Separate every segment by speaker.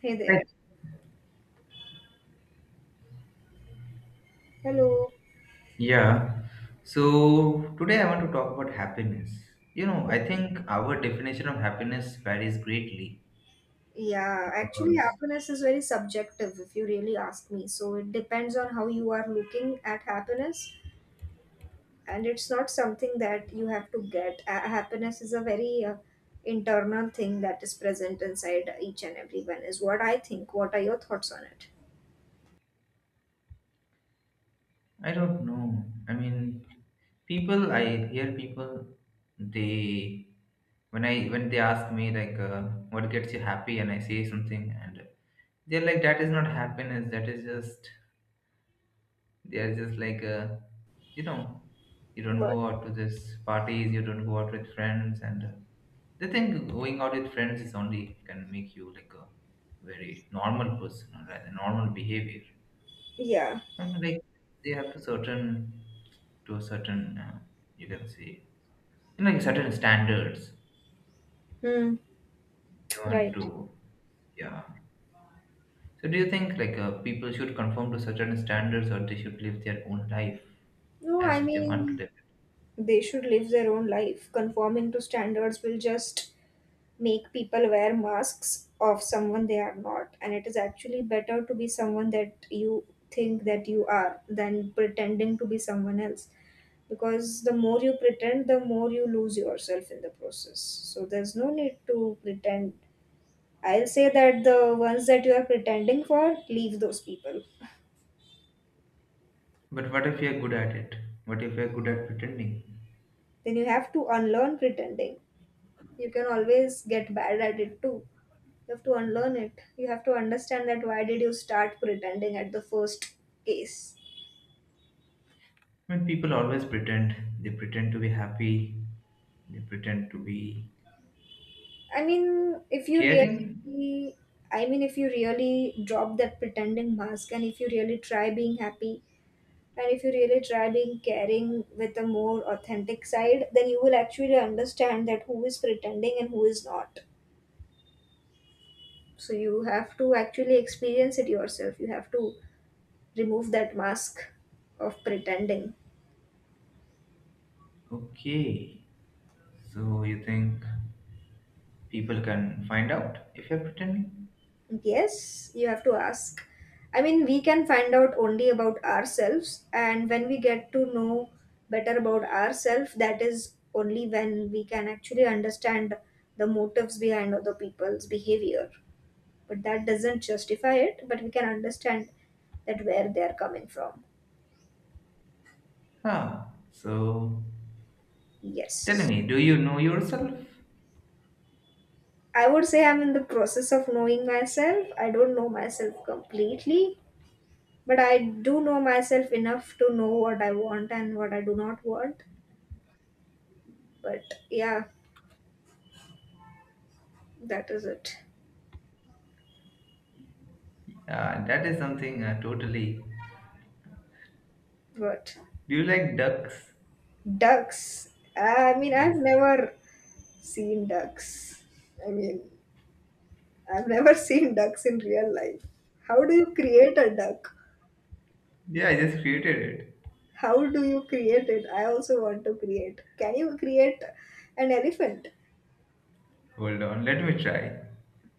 Speaker 1: Hey there.
Speaker 2: Right.
Speaker 1: Hello.
Speaker 2: Yeah. So today I want to talk about happiness. I think our definition of happiness varies greatly
Speaker 1: Yeah, actually,
Speaker 2: because
Speaker 1: happiness is very subjective if you really ask me. So it depends on how you are looking at happiness, and it's not something that you have to get. Happiness is a very internal thing that is present inside each and everyone, is what I think. What are your thoughts on it?
Speaker 2: I don't know. I mean, I hear people, they, when when they ask me, like, what gets you happy, and I say something, and they're like, that is not happiness. That is just, they're just like, you know, you don't
Speaker 1: But.
Speaker 2: go out to this parties, you don't go out with friends, and they think going out with friends is only can make you like a very normal person or rather normal behavior.
Speaker 1: Yeah.
Speaker 2: And, like, they have to a certain, you can say, like, certain standards
Speaker 1: Hmm.
Speaker 2: they want
Speaker 1: Right.
Speaker 2: to. Yeah. So do you think, like, people should conform to certain standards, or they should live their own life
Speaker 1: No, I
Speaker 2: as if they want to
Speaker 1: mean,
Speaker 2: live it?
Speaker 1: they should live their own life. Conforming to standards will just make people wear masks of someone they are not, and it is actually better to be someone that you think that you are than pretending to be someone else, because the more you pretend the more you lose yourself in the process. So there's no need to pretend. I'll say that the ones that you are pretending for, leave those people.
Speaker 2: But what if you're good at it? What if you're good at pretending?
Speaker 1: Then you have to unlearn pretending. You can always get bad at it too. You have to unlearn it. You have to understand that why did you start pretending at the first case?
Speaker 2: I mean, people always pretend. They pretend to be happy. They pretend to be
Speaker 1: I mean, if you
Speaker 2: caring?
Speaker 1: really, I mean, if you really drop that pretending mask and if you really try being happy and if you really try being caring with a more authentic side, then you will actually understand that who is pretending and who is not. So you have to actually experience it yourself. You have to remove that mask of pretending.
Speaker 2: Okay. So you think people can find out if you're pretending?
Speaker 1: Yes, you have to ask. I mean, we can find out only about ourselves, and when we get to know better about ourselves, that is only when we can actually understand the motives behind other people's behavior. But that doesn't justify it, but we can understand that where they are coming from.
Speaker 2: Huh. So tell
Speaker 1: Yes.
Speaker 2: me, do you know yourself?
Speaker 1: I would say I'm in the process of knowing myself. I don't know myself completely, but I do know myself enough to know what I want and what I do not want. But yeah, that is it.
Speaker 2: That is something totally.
Speaker 1: But
Speaker 2: Do you like ducks?
Speaker 1: ducks, I mean, I've
Speaker 2: Yes.
Speaker 1: never seen ducks. I mean, I've never seen ducks in real life. How do you create a duck?
Speaker 2: Yeah, I just created it.
Speaker 1: How do you create it? I also want to create. Can you create an elephant?
Speaker 2: Hold on, let me try.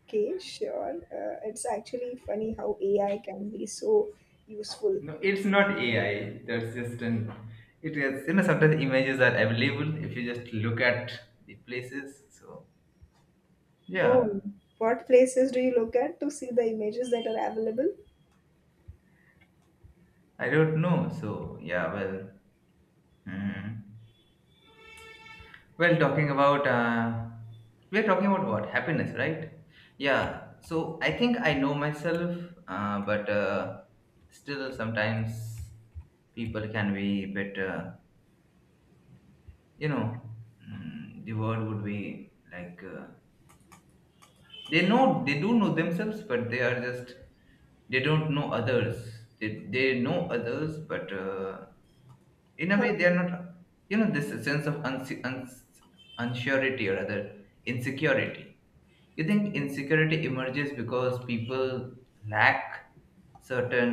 Speaker 1: Okay, sure. It's actually funny how AI can be so useful.
Speaker 2: No, it's not AI. That's just an. It is. Sometimes images are available if you just look at the places. So yeah,
Speaker 1: Oh, what places do you look at to see the images that are available?
Speaker 2: I don't know. So yeah, well. Hmm. Well, talking about we are talking about what happiness, right? Yeah. So I think I know myself, but still sometimes people can be bit. You know, the word would be like, they know, they do know themselves, but they are just they don't know others. They know others, but in a
Speaker 1: Uh,
Speaker 2: way they are not, this sense of unsurety or rather insecurity. You think insecurity emerges because people lack certain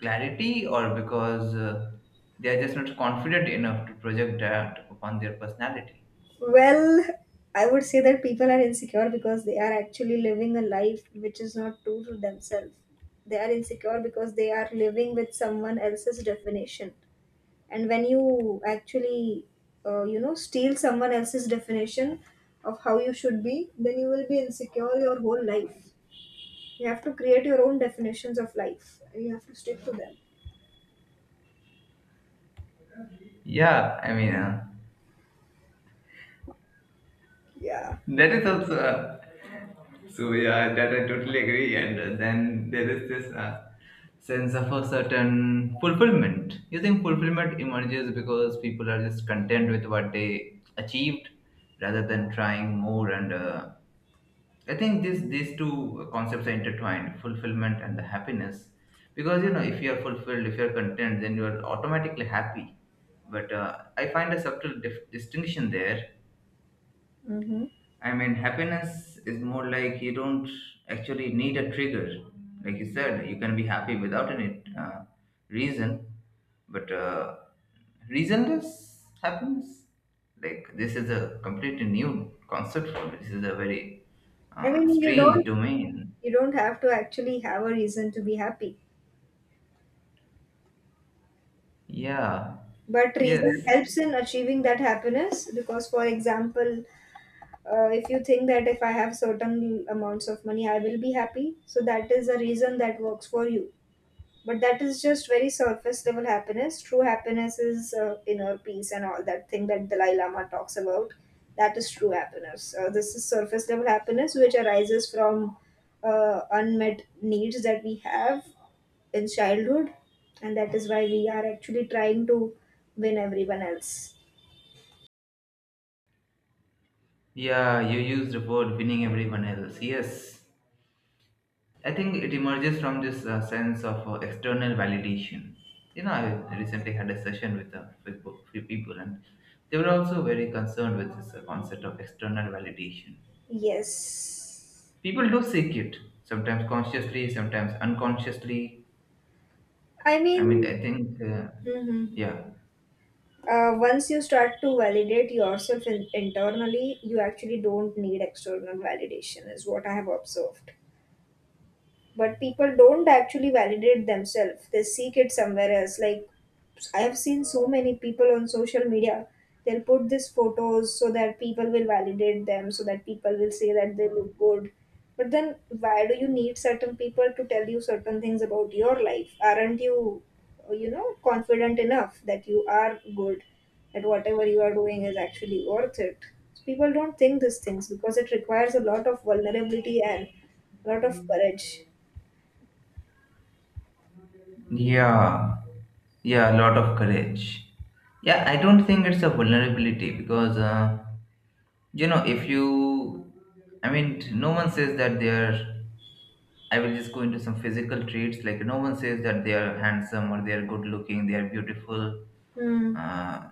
Speaker 2: clarity, or because they are just not confident enough to project that upon their personality?
Speaker 1: Well, I would say that people are insecure because they are actually living a life which is not true to themselves. They are insecure because they are living with someone else's definition. And when you actually, you know, steal someone else's definition of how you should be, then you will be insecure your whole life. You have to create your own definitions of life and you have to stick to them.
Speaker 2: Yeah, I mean,
Speaker 1: Yeah.
Speaker 2: that is also. So yeah, that I totally agree. And then there is this sense of a certain fulfillment. You think fulfillment emerges because people are just content with what they achieved rather than trying more. And I think this these two concepts are intertwined: fulfillment and the happiness. Because, if you are fulfilled, if you are content, then you are automatically happy. But I find a subtle distinction there.
Speaker 1: Mm-hmm.
Speaker 2: I mean, happiness is more like you don't actually need a trigger. Like you said, you can be happy without any reason, but reasonless happiness. Like, this is a completely new concept for me. This is a very
Speaker 1: I mean, you
Speaker 2: strange
Speaker 1: don't
Speaker 2: domain.
Speaker 1: you don't have to actually have a reason to be happy.
Speaker 2: Yeah.
Speaker 1: But reason
Speaker 2: Yes.
Speaker 1: helps in achieving that happiness, because for example, if you think that if I have certain amounts of money I will be happy, so that is a reason that works for you. But that is just very surface level happiness. True happiness is inner peace and all that thing that Dalai Lama talks about. That is true happiness. Uh, this is surface level happiness which arises from unmet needs that we have in childhood, and that is why we are actually trying to win everyone else.
Speaker 2: Yeah, you used the word winning everyone else. Yes. I think it emerges from this sense of external validation. I recently had a session with a few people, and they were also very concerned with this concept of external validation.
Speaker 1: Yes.
Speaker 2: People do seek it, sometimes consciously, sometimes unconsciously.
Speaker 1: I
Speaker 2: I
Speaker 1: mean.
Speaker 2: mean, I think,
Speaker 1: Mhm.
Speaker 2: yeah,
Speaker 1: Once you start to validate yourself internally, you actually don't need external validation is what I have observed. But people don't actually validate themselves, they seek it somewhere else. Like, I have seen so many people on social media, they'll put these photos so that people will validate them, so that people will say that they look good. But then why do you need certain people to tell you certain things about your life? Aren't you, you know, confident enough that you are good, that whatever you are doing is actually worth it? So people don't think these things because it requires a lot of vulnerability and a lot of courage.
Speaker 2: yeah, yeah, a lot of courage. Yeah, I don't think it's a vulnerability because, if you, I mean, no one says that they are. I will just go into some physical traits. Like, no one says that they are handsome, or they are good looking, they are beautiful.
Speaker 1: Hmm.
Speaker 2: Uh,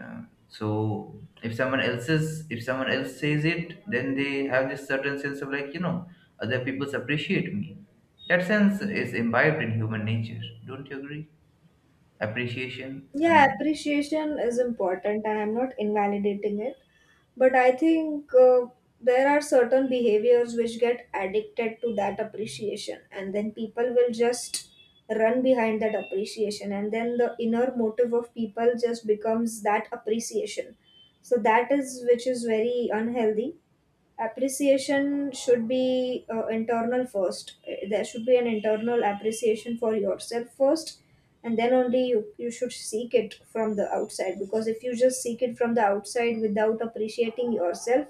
Speaker 2: uh, so if someone else's if someone else says it, then they have this certain sense of, like, other people appreciate me. That sense is imbibed in human nature. Don't you agree? Appreciation. I
Speaker 1: Yeah,
Speaker 2: mean,
Speaker 1: appreciation is important, and I'm not invalidating it. But I think there are certain behaviors which get addicted to that appreciation, and then people will just run behind that appreciation, and then the inner motive of people just becomes that appreciation. So that is which is very unhealthy. Appreciation should be internal first. There should be an internal appreciation for yourself first, and then only you should seek it from the outside, because if you just seek it from the outside without appreciating yourself,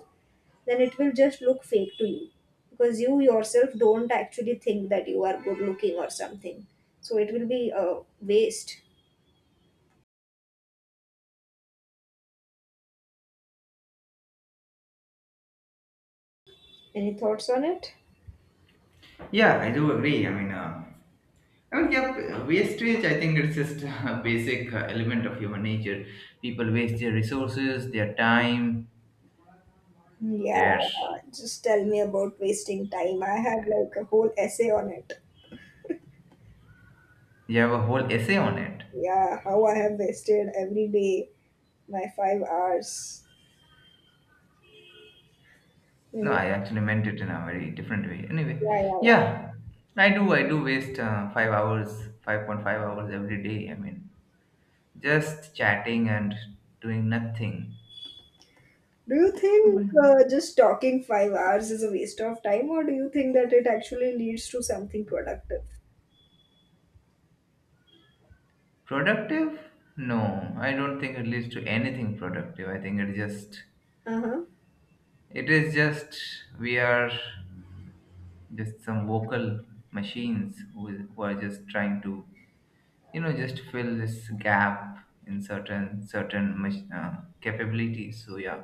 Speaker 1: then it will just look fake to you, because you yourself don't actually think that you are good looking or something. So it will be a waste. Any thoughts on it?
Speaker 2: yeah, I do agree. I mean, yeah, wastage. I think it's just a basic element of human nature. People waste their resources, their time.
Speaker 1: Yeah,
Speaker 2: There's,
Speaker 1: just tell me about wasting time, I have
Speaker 2: you
Speaker 1: like a whole essay on it.
Speaker 2: have a whole essay on it.
Speaker 1: Yeah, how I have wasted every day my 5 hours. You
Speaker 2: No,
Speaker 1: know?
Speaker 2: I actually meant it in a very different way. Anyway,
Speaker 1: Yeah, yeah, yeah.
Speaker 2: yeah, I do. I do waste 5 hours, 5.5 hours every day. I mean, just chatting and doing nothing.
Speaker 1: Do you
Speaker 2: I
Speaker 1: think
Speaker 2: mean,
Speaker 1: just talking 5 hours is a waste of time, or do you think that it actually leads to something productive?
Speaker 2: productive? No, I don't think it leads to anything productive. I think it just,
Speaker 1: Uh huh.
Speaker 2: it is just, we are just some vocal machines who are just trying to, just fill this gap in certain certain capabilities, so yeah.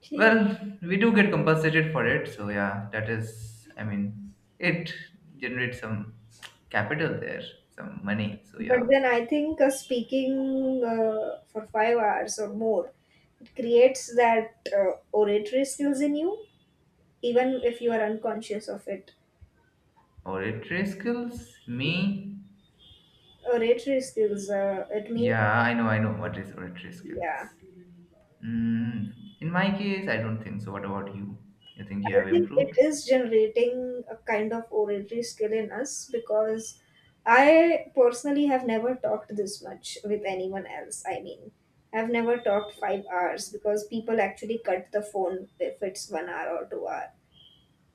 Speaker 1: Okay.
Speaker 2: Well, we do get compensated for it, so yeah, that is, I mean, it generates some capital there, some money, so
Speaker 1: But
Speaker 2: yeah.
Speaker 1: then I think speaking for 5 hours or more, it creates that oratory skills in you, even if you are unconscious of it.
Speaker 2: Oratory skills, me?
Speaker 1: Oratory skills, it means,
Speaker 2: Yeah, I know, what is oratory
Speaker 1: yeah.
Speaker 2: skills. mm, in my case I don't think so. What about you? You think you
Speaker 1: I
Speaker 2: have
Speaker 1: think it
Speaker 2: improved?
Speaker 1: is generating a kind of oratory skill in us, because I personally have never talked this much with anyone else. I mean, I've never talked 5 hours because people actually cut the phone if it's 1 hour or 2 hour.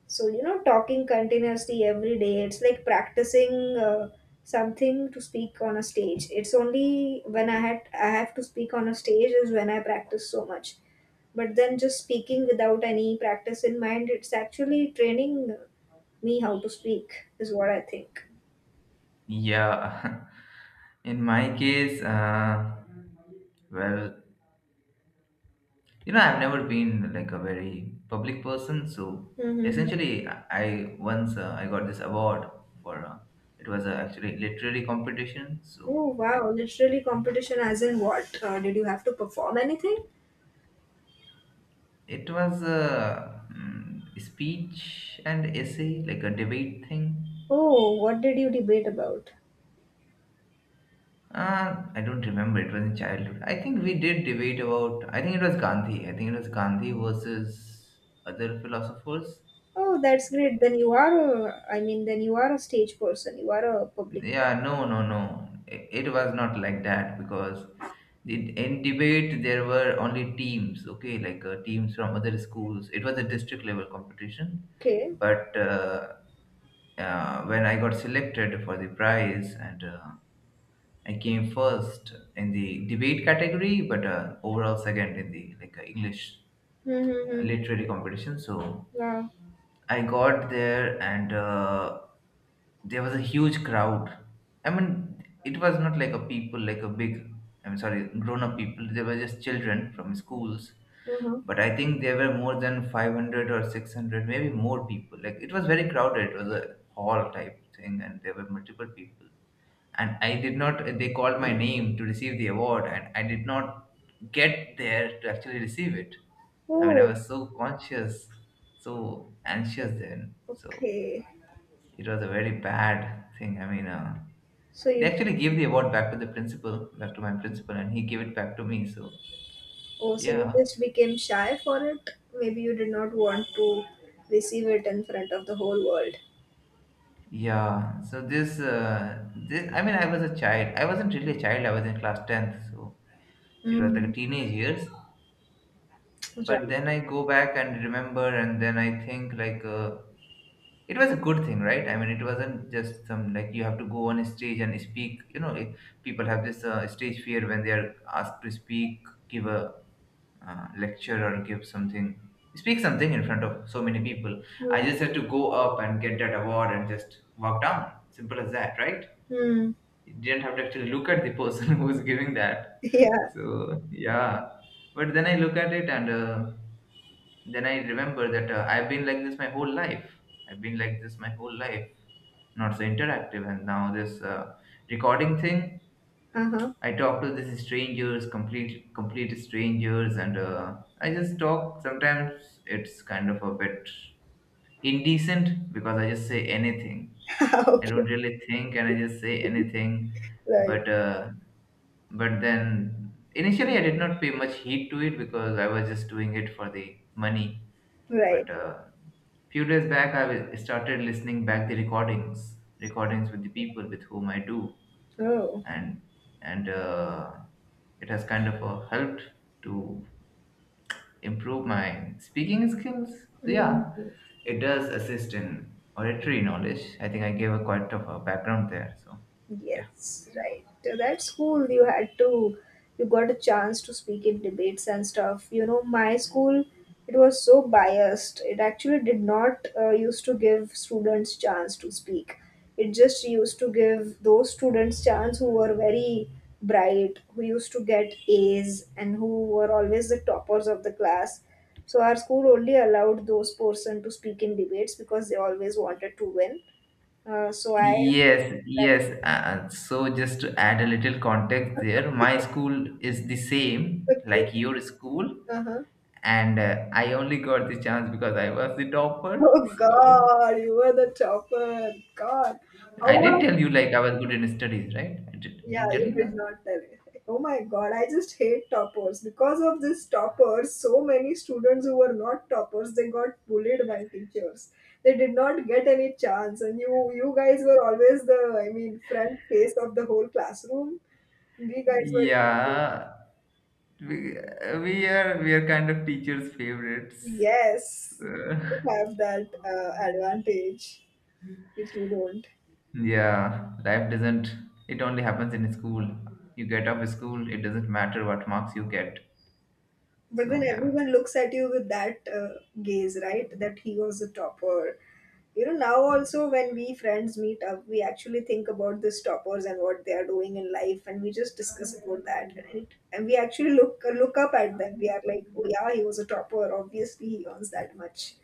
Speaker 1: So, you know, talking continuously every day, it's like practicing something to speak on a stage. It's only when I have to speak on a stage is when I practice so much, but then just speaking without any practice in mind, it's actually training me how to speak is what I think.
Speaker 2: Yeah. In my case, well, I've never been like a very public person, so
Speaker 1: Mm-hmm.
Speaker 2: essentially, I once I got this award for, it was, actually literary competition. So
Speaker 1: Oh,
Speaker 2: I,
Speaker 1: wow. Literally competition, as in what? Did you have to perform anything?
Speaker 2: it was a, speech and essay, like a debate thing.
Speaker 1: Oh, what did you debate about?
Speaker 2: I don't remember. It was in childhood. I think we did debate about. I think it was Gandhi. I think it was Gandhi versus other philosophers.
Speaker 1: Oh, that's great. Then I mean, then you are a stage person, you are a public.
Speaker 2: Yeah, no, no, no. It was not like that because in debate there were only teams, okay, like, teams from other schools. It was a district level competition,
Speaker 1: Okay.
Speaker 2: but when I got selected for the prize, and I came first in the debate category, but overall second in the, like, English
Speaker 1: Mm-hmm.
Speaker 2: literary competition. So
Speaker 1: Wow.
Speaker 2: I got there, and there was a huge crowd. I mean, it was not like a big, I'm sorry, grown up people. They were just children from schools.
Speaker 1: Uh-huh.
Speaker 2: But I think there were more than 500 or 600, maybe more people. Like, it was very crowded. It was a hall type thing, and there were multiple people. And I did not they called my name to receive the award, and I did not get there to actually receive it. I mean, I
Speaker 1: Oh.
Speaker 2: was so conscious, so anxious then, so
Speaker 1: Okay.
Speaker 2: it was a very bad thing. I mean,
Speaker 1: so
Speaker 2: they
Speaker 1: you
Speaker 2: actually gave the award back to the principal, back to my principal, and he gave it back to me, so
Speaker 1: Oh, so you
Speaker 2: yeah.
Speaker 1: just became shy for it? Maybe you did not want to receive it in front of the whole world.
Speaker 2: Yeah, so this, I mean, I was a child. I wasn't really a child. I was in class 10th, so it was like a
Speaker 1: Mm.
Speaker 2: teenage years. But
Speaker 1: Right.
Speaker 2: then I go back and remember, and then I think, like, it was a good thing, right? I mean, it wasn't just some, like, you have to go on a stage and speak, it, people have this stage fear when they are asked to speak, give a, lecture, or give something, speak something in front of so many people. I
Speaker 1: Mm.
Speaker 2: just had to go up and get that award and just walk down. Simple as that, right?
Speaker 1: Mm.
Speaker 2: You didn't have to actually look at the person who's giving that,
Speaker 1: Yeah.
Speaker 2: so yeah. But then I look at it, and, then I remember that, I've been like this my whole life. I've been like this my whole life, not so interactive. And now this recording thing,
Speaker 1: Uh
Speaker 2: I talk to these strangers, complete strangers, and I just talk. Sometimes it's kind of a bit indecent because I just say anything.
Speaker 1: huh.
Speaker 2: I
Speaker 1: Okay.
Speaker 2: don't really think, and I just say anything.
Speaker 1: Right.
Speaker 2: But then initially I did not pay much heed to it because I was just doing it for the money.
Speaker 1: Right.
Speaker 2: But few days back I started listening back the recordings, with the people with whom I do,
Speaker 1: Oh.
Speaker 2: and and it has kind of, helped to improve my speaking skills. So
Speaker 1: Mm.
Speaker 2: yeah, it does assist in oratory knowledge. I think I gave a quite of a background there. So yeah.
Speaker 1: Yes, right. So that's cool. You got a chance to speak in debates and stuff. You know, my school, it was so biased. It actually did not used to give students chance to speak. It just used to give those students chance who were very bright, who used to get A's and who were always the toppers of the class. So our school only allowed those person to speak in debates because they always wanted to win. So I
Speaker 2: Yes,
Speaker 1: that
Speaker 2: yes. So just to add a little context there, my school is the same
Speaker 1: Okay.
Speaker 2: like your school,
Speaker 1: Uh-huh.
Speaker 2: and I only got the chance because I was the topper.
Speaker 1: Oh
Speaker 2: So
Speaker 1: God, you were the chopper. God. How
Speaker 2: I did
Speaker 1: was,
Speaker 2: tell you, like, I was good in studies, right? I did,
Speaker 1: yeah,
Speaker 2: didn't tell
Speaker 1: you
Speaker 2: you
Speaker 1: did
Speaker 2: that.
Speaker 1: not tell it. Oh my God, I just hate toppers. Because of this toppers, so many students who were not toppers, they got bullied by teachers. They did not get any chance. And you guys were always the, I mean, front face of the whole classroom. We guys were
Speaker 2: Yeah, we we are kind of teachers' favorites.
Speaker 1: Yes,
Speaker 2: So,
Speaker 1: you have that advantage, which we don't.
Speaker 2: yeah, life doesn't. It only happens in school. You get off school, it doesn't matter what marks you get.
Speaker 1: But then
Speaker 2: So yeah.
Speaker 1: everyone looks at you with that gaze, right? That he was a topper. You know, now also when we friends meet up, we actually think about these toppers and what they are doing in life, and we just discuss about that. And we actually look up at them. We are like, oh yeah, he was a topper. Obviously, he earns that much.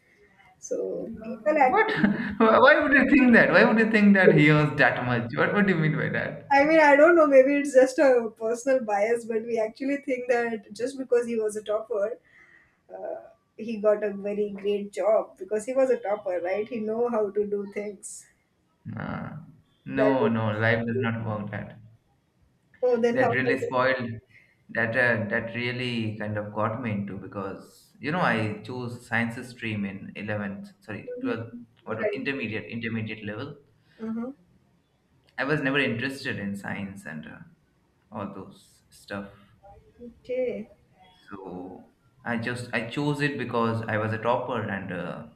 Speaker 1: So people
Speaker 2: What?
Speaker 1: actually,
Speaker 2: Why would you think that? Why would you think that he owes that much? What do you mean by that?
Speaker 1: I mean, I don't know. Maybe it's just a personal bias, but we actually think that just because he was a topper, uh, he got a very great job because he was a topper, right? He know how to do things.
Speaker 2: Nah.
Speaker 1: That
Speaker 2: No, no, life does
Speaker 1: is,
Speaker 2: not work that.
Speaker 1: oh, then how
Speaker 2: That
Speaker 1: does
Speaker 2: really
Speaker 1: it?
Speaker 2: spoiled. That really kind of got me into, because I chose sciences stream in 11th, sorry, 12th.
Speaker 1: Mhm.
Speaker 2: What,
Speaker 1: Right.
Speaker 2: intermediate level.
Speaker 1: Uh-huh.
Speaker 2: I was never interested in science and all those stuff.
Speaker 1: Okay.
Speaker 2: So I chose it because I was a topper and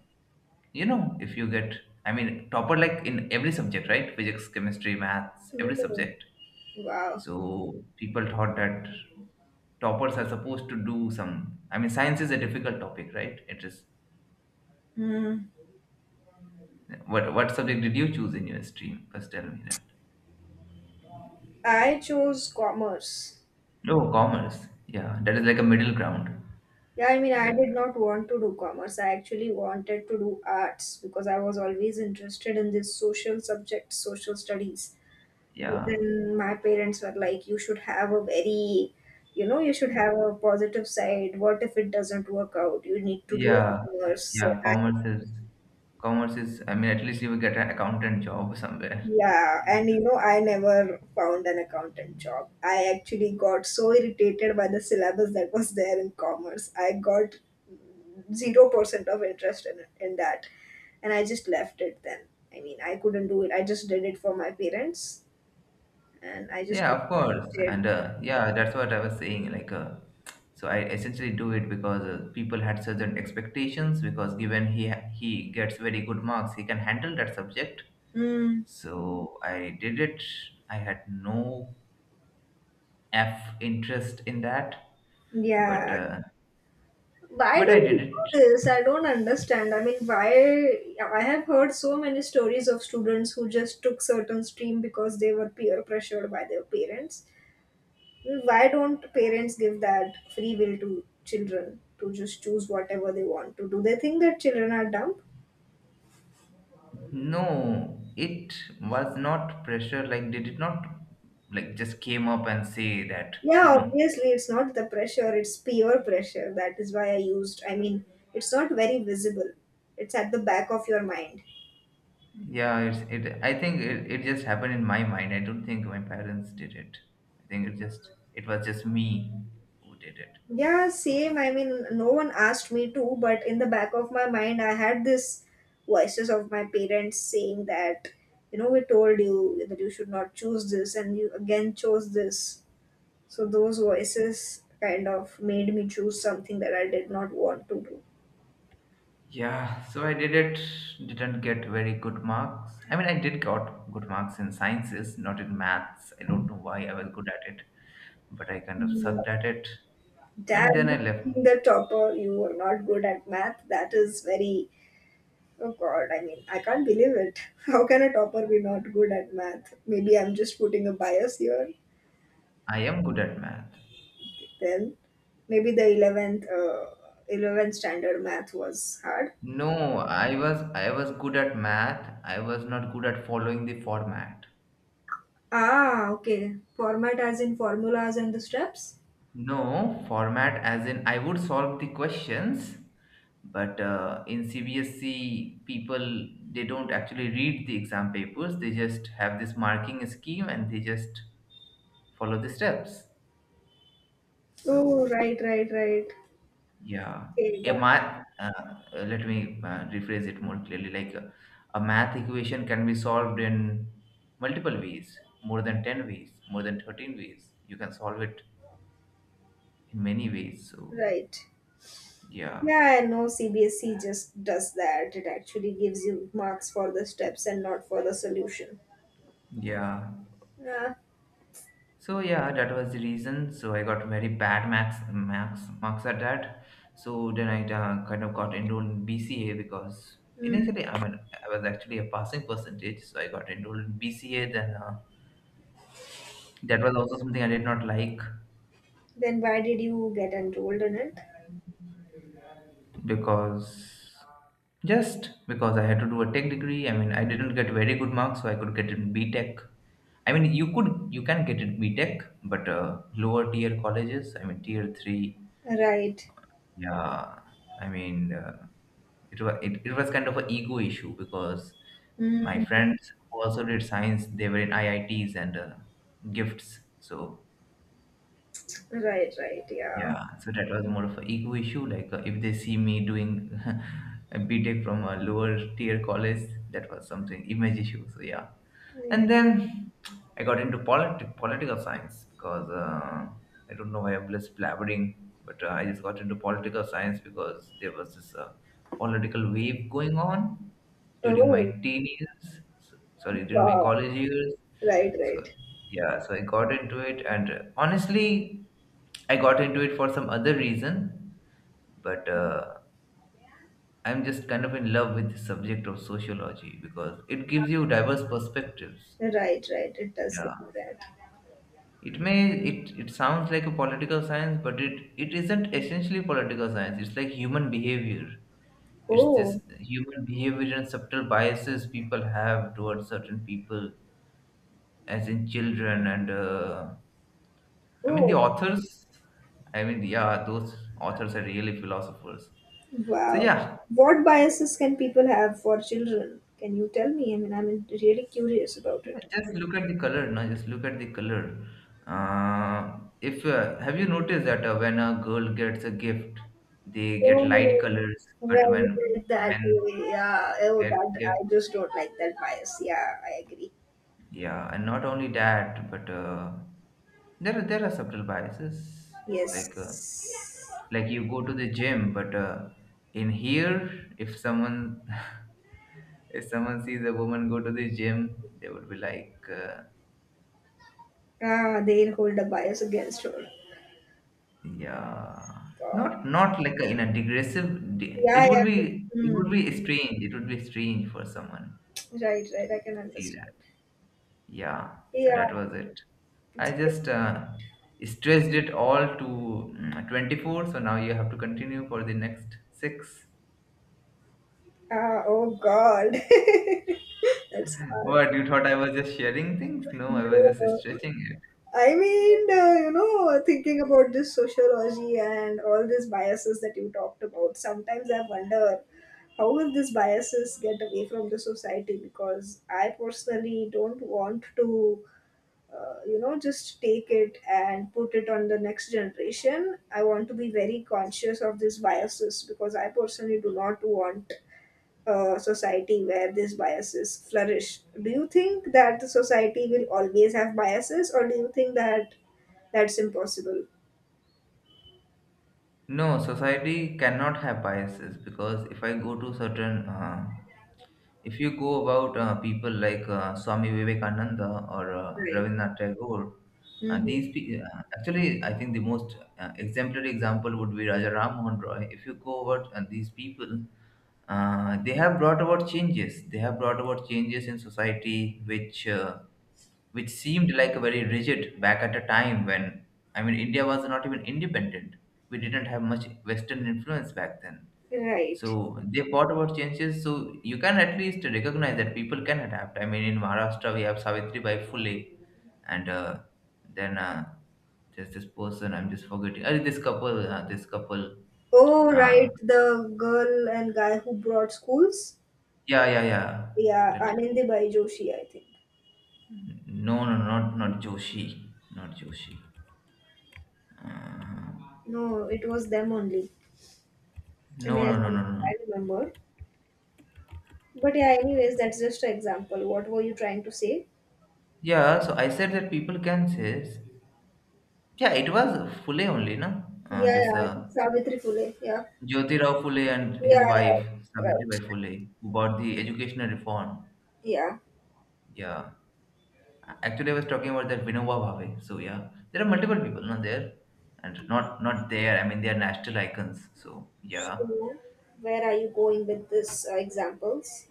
Speaker 2: you know if you get I mean, topper, like, in every subject, right? Physics, chemistry, maths, every
Speaker 1: Oh,
Speaker 2: subject.
Speaker 1: wow.
Speaker 2: So people thought that toppers are supposed to do some. I mean, science is a difficult topic, right? It is.
Speaker 1: Mm.
Speaker 2: What subject did you choose in your stream? First, tell me that.
Speaker 1: I chose commerce.
Speaker 2: No, commerce. Yeah, that is like a middle ground.
Speaker 1: Yeah, I mean, I did
Speaker 2: That,
Speaker 1: not want to do commerce. I actually wanted to do arts because I was always interested in this social subject, social studies. But
Speaker 2: yeah,
Speaker 1: then my parents were like, you should have a very, you know, you should have a positive side. What if it doesn't work out, you need to do
Speaker 2: yeah,
Speaker 1: worse.
Speaker 2: yeah. Commerce is. I mean, at least you will get an accountant job somewhere.
Speaker 1: Yeah. And you know, I never found an accountant job. I actually got so irritated by the syllabus that was there in commerce. I got 0% of interest in that, and I just left it then. I mean, I couldn't do it, I just did it for my parents, and I just
Speaker 2: Yeah, of course.
Speaker 1: did.
Speaker 2: And yeah, that's what I was saying. So I essentially do it because people had certain expectations. Because given he gets very good marks, he can handle that subject.
Speaker 1: mm,
Speaker 2: So I did it. I had no F interest in that,
Speaker 1: yeah.
Speaker 2: but uh,
Speaker 1: Why
Speaker 2: but
Speaker 1: do
Speaker 2: I
Speaker 1: we
Speaker 2: did
Speaker 1: do
Speaker 2: it.
Speaker 1: this? I don't understand. I mean, why? I have heard so many stories of students who just took certain stream because they were peer pressured by their parents. Why don't parents give that free will to children to just choose whatever they want to? Do they think that children are dumb?
Speaker 2: No, it was not pressure. Like they did it, not like just came up and say that you
Speaker 1: Yeah,
Speaker 2: know.
Speaker 1: obviously, it's not the pressure, it's peer pressure. That is why I used, it's not very visible, it's at the back of your mind.
Speaker 2: Yeah, it's it. I think it just happened in my mind. I don't think my parents did it. I think it was just me who did it.
Speaker 1: Yeah,
Speaker 2: So.
Speaker 1: same. I mean, no one asked me to, but in the back of my mind, I had this voices of my parents saying that, we told you that you should not choose this, and you again chose this. So those voices kind of made me choose something that I did not want to do.
Speaker 2: Yeah, so I did it, didn't get very good marks. I mean, I did got good marks in sciences, not in maths. I don't know why I was good at it, but I kind of
Speaker 1: Yeah.
Speaker 2: sucked at it.
Speaker 1: Dad,
Speaker 2: And then I left.
Speaker 1: being the topper, you were not good at math. That is very, oh God, I mean, I can't believe it. How can a topper be not good at math? Maybe I'm just putting a bias here.
Speaker 2: I am good at math.
Speaker 1: Then maybe the 11th standard math was hard.
Speaker 2: No, I was good at math. I was not good at following the format.
Speaker 1: Ah, okay. Format as in formulas and the steps?
Speaker 2: No, format as in I would solve the questions, but in CBSC, people they don't actually read the exam papers. They just have this marking scheme and they just follow the steps.
Speaker 1: Oh,
Speaker 2: So
Speaker 1: right, right, right.
Speaker 2: yeah,
Speaker 1: Okay,
Speaker 2: a
Speaker 1: got it.
Speaker 2: math. Let me rephrase it more clearly. A math equation can be solved in multiple ways, more than 10 ways, more than 13 ways. You can solve it in many ways. So
Speaker 1: Right.
Speaker 2: yeah,
Speaker 1: Yeah, I know CBSE just does that. It actually gives you marks for the steps and not for the solution.
Speaker 2: yeah.
Speaker 1: Yeah.
Speaker 2: So yeah, that was the reason. So I got very bad max marks at that. So then I kind of got enrolled in BCA because
Speaker 1: Mm.
Speaker 2: initially, I mean, I was actually a passing percentage. So I got enrolled in BCA. Then that was also something I did not like
Speaker 1: Then why did you get enrolled in it?
Speaker 2: because just because I had to do a tech degree. I mean, I didn't get very good marks, so I could get in B Tech. I mean, you can get in B Tech, but lower tier colleges. I mean, tier three.
Speaker 1: Right.
Speaker 2: Yeah, I mean. It was kind of an ego issue because my
Speaker 1: Mm.
Speaker 2: friends who also did science, they were in IITs and gifts. So
Speaker 1: Right, right, yeah,
Speaker 2: yeah, so that was more of an ego issue. If they see me doing a B Tech from a lower tier college, that was something image issue. So yeah.
Speaker 1: yeah.
Speaker 2: And then I got into political science because I don't know why I'm just blabbering. But I just got into political science because there was this political wave going on during my
Speaker 1: Oh,
Speaker 2: teen years, so, sorry, during my
Speaker 1: wow.
Speaker 2: college years.
Speaker 1: Right,
Speaker 2: So
Speaker 1: right.
Speaker 2: yeah, so I got into it, and honestly, I got into it for some other reason, but I'm just kind of in love with the subject of sociology because it gives you diverse perspectives.
Speaker 1: Right, right. It does go
Speaker 2: Yeah.
Speaker 1: to that.
Speaker 2: It may it it sounds like a political science, but it isn't essentially political science. It's like human behavior. It's
Speaker 1: Oh,
Speaker 2: this human behavior and subtle biases people have towards certain people, as in children and the
Speaker 1: oh,
Speaker 2: authors. I mean, yeah, those authors are really philosophers. So
Speaker 1: wow.
Speaker 2: yeah.
Speaker 1: What biases can people have for children? Can you tell me? I mean, I'm really curious about
Speaker 2: Yeah,
Speaker 1: it.
Speaker 2: just look at the color, no? Just look at the color. If Have you noticed that when a girl gets a gift, they get light
Speaker 1: Oh,
Speaker 2: colors, but
Speaker 1: right,
Speaker 2: when
Speaker 1: right, that
Speaker 2: men
Speaker 1: way. Yeah. Oh,
Speaker 2: get
Speaker 1: that
Speaker 2: gift?
Speaker 1: I just don't like that bias. Yeah, I agree.
Speaker 2: Yeah. And not only that, but there are subtle biases. Like uh,
Speaker 1: Yes.
Speaker 2: like you go to the gym, but in here, if someone if someone sees a woman go to the gym, they would be like.
Speaker 1: Ah, they'll hold a bias against her.
Speaker 2: Yeah,
Speaker 1: God.
Speaker 2: not like a, in a digressive.
Speaker 1: Yeah,
Speaker 2: It would
Speaker 1: yeah.
Speaker 2: be it would
Speaker 1: Hmm.
Speaker 2: be strange. It would be strange for someone
Speaker 1: Right,
Speaker 2: to,
Speaker 1: right.
Speaker 2: to
Speaker 1: I can
Speaker 2: see
Speaker 1: understand.
Speaker 2: that. Yeah, so
Speaker 1: Yeah.
Speaker 2: that was it. I
Speaker 1: It's, like,
Speaker 2: just stretched it all to 24. So now you have to continue for the next six.
Speaker 1: ah, oh God. That's hard.
Speaker 2: What you thought I was just sharing things? No, I
Speaker 1: No,
Speaker 2: was just
Speaker 1: no.
Speaker 2: stretching it.
Speaker 1: I mean, thinking about this sociology and all these biases that you talked about, sometimes I wonder how will these biases get away from the society because I personally don't want to, just take it and put it on the next generation. I want to be very conscious of these biases because I personally do not want society where these biases flourish. Do you think that the society will always have biases, or do you think that that's impossible?
Speaker 2: No, society cannot have biases, because if I go to certain if you go about people like Swami Vivekananda or
Speaker 1: Right.
Speaker 2: Rabindranath Tagore, and
Speaker 1: Hmm.
Speaker 2: actually, I think the most exemplary example would be Raja Ram Mohan Roy. If you go about these people, they have brought about changes. They have brought about changes in society, which which seemed like a very rigid back at a time when, I mean, India was not even independent. We didn't have much Western influence back then,
Speaker 1: Right.
Speaker 2: so they fought about changes. So you can at least recognize that people can adapt. I mean, in Maharashtra we have Savitri Bai Phule, and then there's this person I'm just forgetting. This couple, this couple.
Speaker 1: Oh, right.
Speaker 2: Uh,
Speaker 1: The girl and guy who brought schools.
Speaker 2: yeah, yeah, yeah.
Speaker 1: Yeah,
Speaker 2: That,
Speaker 1: Anandibai Joshi, I think.
Speaker 2: no, no, no, not Joshi, not Joshi. Uh,
Speaker 1: No, it was them only. I mean,
Speaker 2: no,
Speaker 1: as
Speaker 2: no, no,
Speaker 1: much
Speaker 2: no,
Speaker 1: as
Speaker 2: no.
Speaker 1: I remember. But yeah, anyways, that's just an example. What were you trying to say?
Speaker 2: Yeah. So I said that people can say, yeah, it was Phule only, no?
Speaker 1: Yeah, yeah,
Speaker 2: This
Speaker 1: I think Savitri Phule. Yeah,
Speaker 2: Jyotirao Phule and his
Speaker 1: yeah,
Speaker 2: wife,
Speaker 1: yeah.
Speaker 2: Savitribai
Speaker 1: Right.
Speaker 2: Phule, who bought the educational reform.
Speaker 1: Yeah.
Speaker 2: Yeah. Actually, I was talking about that Vinoba Bhave. So yeah, there are multiple people not there and not there. I mean, they are national icons. So
Speaker 1: So,
Speaker 2: yeah.
Speaker 1: where are you going with this examples?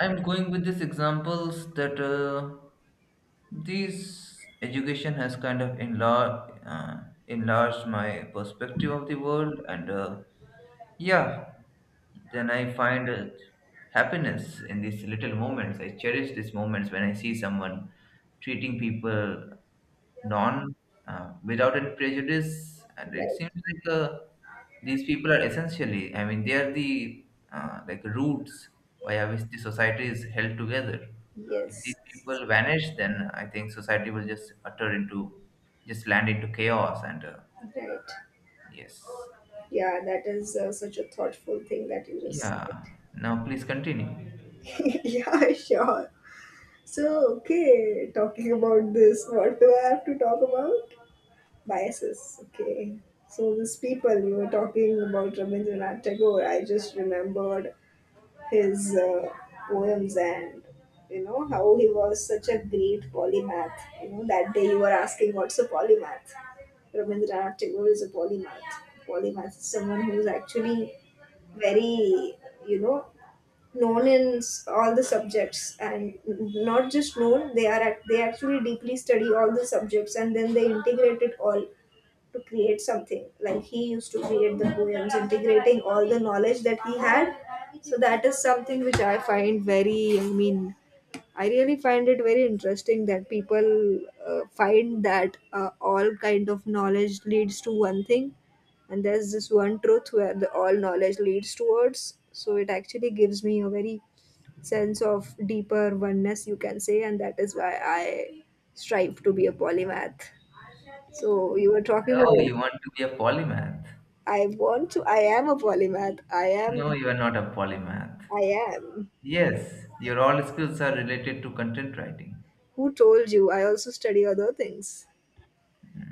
Speaker 2: I'm going with these examples that this education has kind of enlarged my perspective of the world. And yeah, then I find happiness in these little moments. I cherish these moments when I see someone treating people non without any prejudice, and it
Speaker 1: Right.
Speaker 2: seems like these people are essentially. I mean, they are the like roots via which the society is held together. If
Speaker 1: Yes.
Speaker 2: these people vanish, then I think society will just utter into just land into chaos. And
Speaker 1: Right.
Speaker 2: yes,
Speaker 1: Yeah, that is such a thoughtful thing that you just said.
Speaker 2: yeah. Now please continue.
Speaker 1: Yeah, sure. So, okay, talking about this, what do I have to talk about? Biases. Okay. So, these people you were talking about, Rabindranath Tagore, I just remembered his poems and you know how he was such a great polymath. You know that day you were asking what's a polymath? Rabindranath Tagore is a polymath. Polymath is someone who's actually very, you know, known in all the subjects and not just known, they are they actually deeply study all the subjects and then they integrate it all to create something, like he used to create the poems integrating all the knowledge that he had. So that is something which I find very, I really find it very interesting that people find that all kind of knowledge leads to one thing, and there's this one truth where the all knowledge leads towards. So it actually gives me a very sense of deeper oneness, you can say, and that is why I strive to be a polymath. So you were talking
Speaker 2: Oh,
Speaker 1: about
Speaker 2: you want to be a polymath?
Speaker 1: I want to. I am a polymath. I am.
Speaker 2: No, you are not a polymath.
Speaker 1: I am.
Speaker 2: Yes, your all skills are related to content writing.
Speaker 1: Who told you? I also study other things.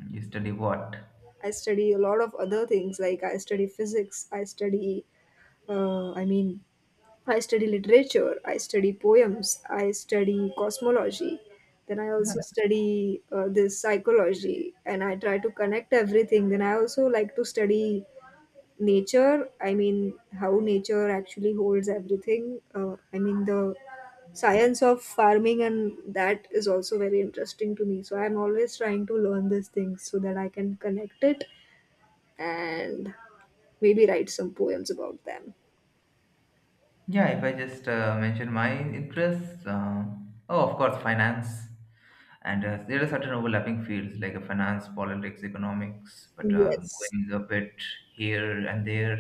Speaker 2: You study what?
Speaker 1: I study a lot of other things like I study physics, I study, uh, I mean, I study literature, I study poems, I study cosmology. Then I also study this psychology and I try to connect everything. Then I also like to study nature. I mean, how nature actually holds everything. The science of farming and that is also very interesting to me. So I'm always trying to learn these things so that I can connect it and maybe write some poems about them.
Speaker 2: Yeah, if I just mention my interests, oh, of course, finance. And there are certain overlapping fields like finance, politics, economics, but
Speaker 1: Yes.
Speaker 2: going a bit here and there.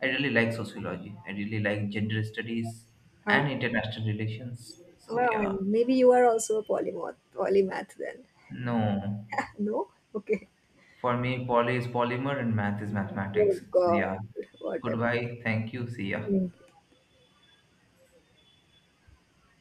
Speaker 2: I really like sociology. I really like gender studies
Speaker 1: Um,
Speaker 2: and international relations. So
Speaker 1: well,
Speaker 2: yeah,
Speaker 1: maybe you are also a polymath then.
Speaker 2: no.
Speaker 1: No? Okay.
Speaker 2: For me, poly is polymer and math is
Speaker 1: Oh
Speaker 2: mathematics. So
Speaker 1: God,
Speaker 2: yeah.
Speaker 1: whatever.
Speaker 2: Goodbye. Thank you. See ya.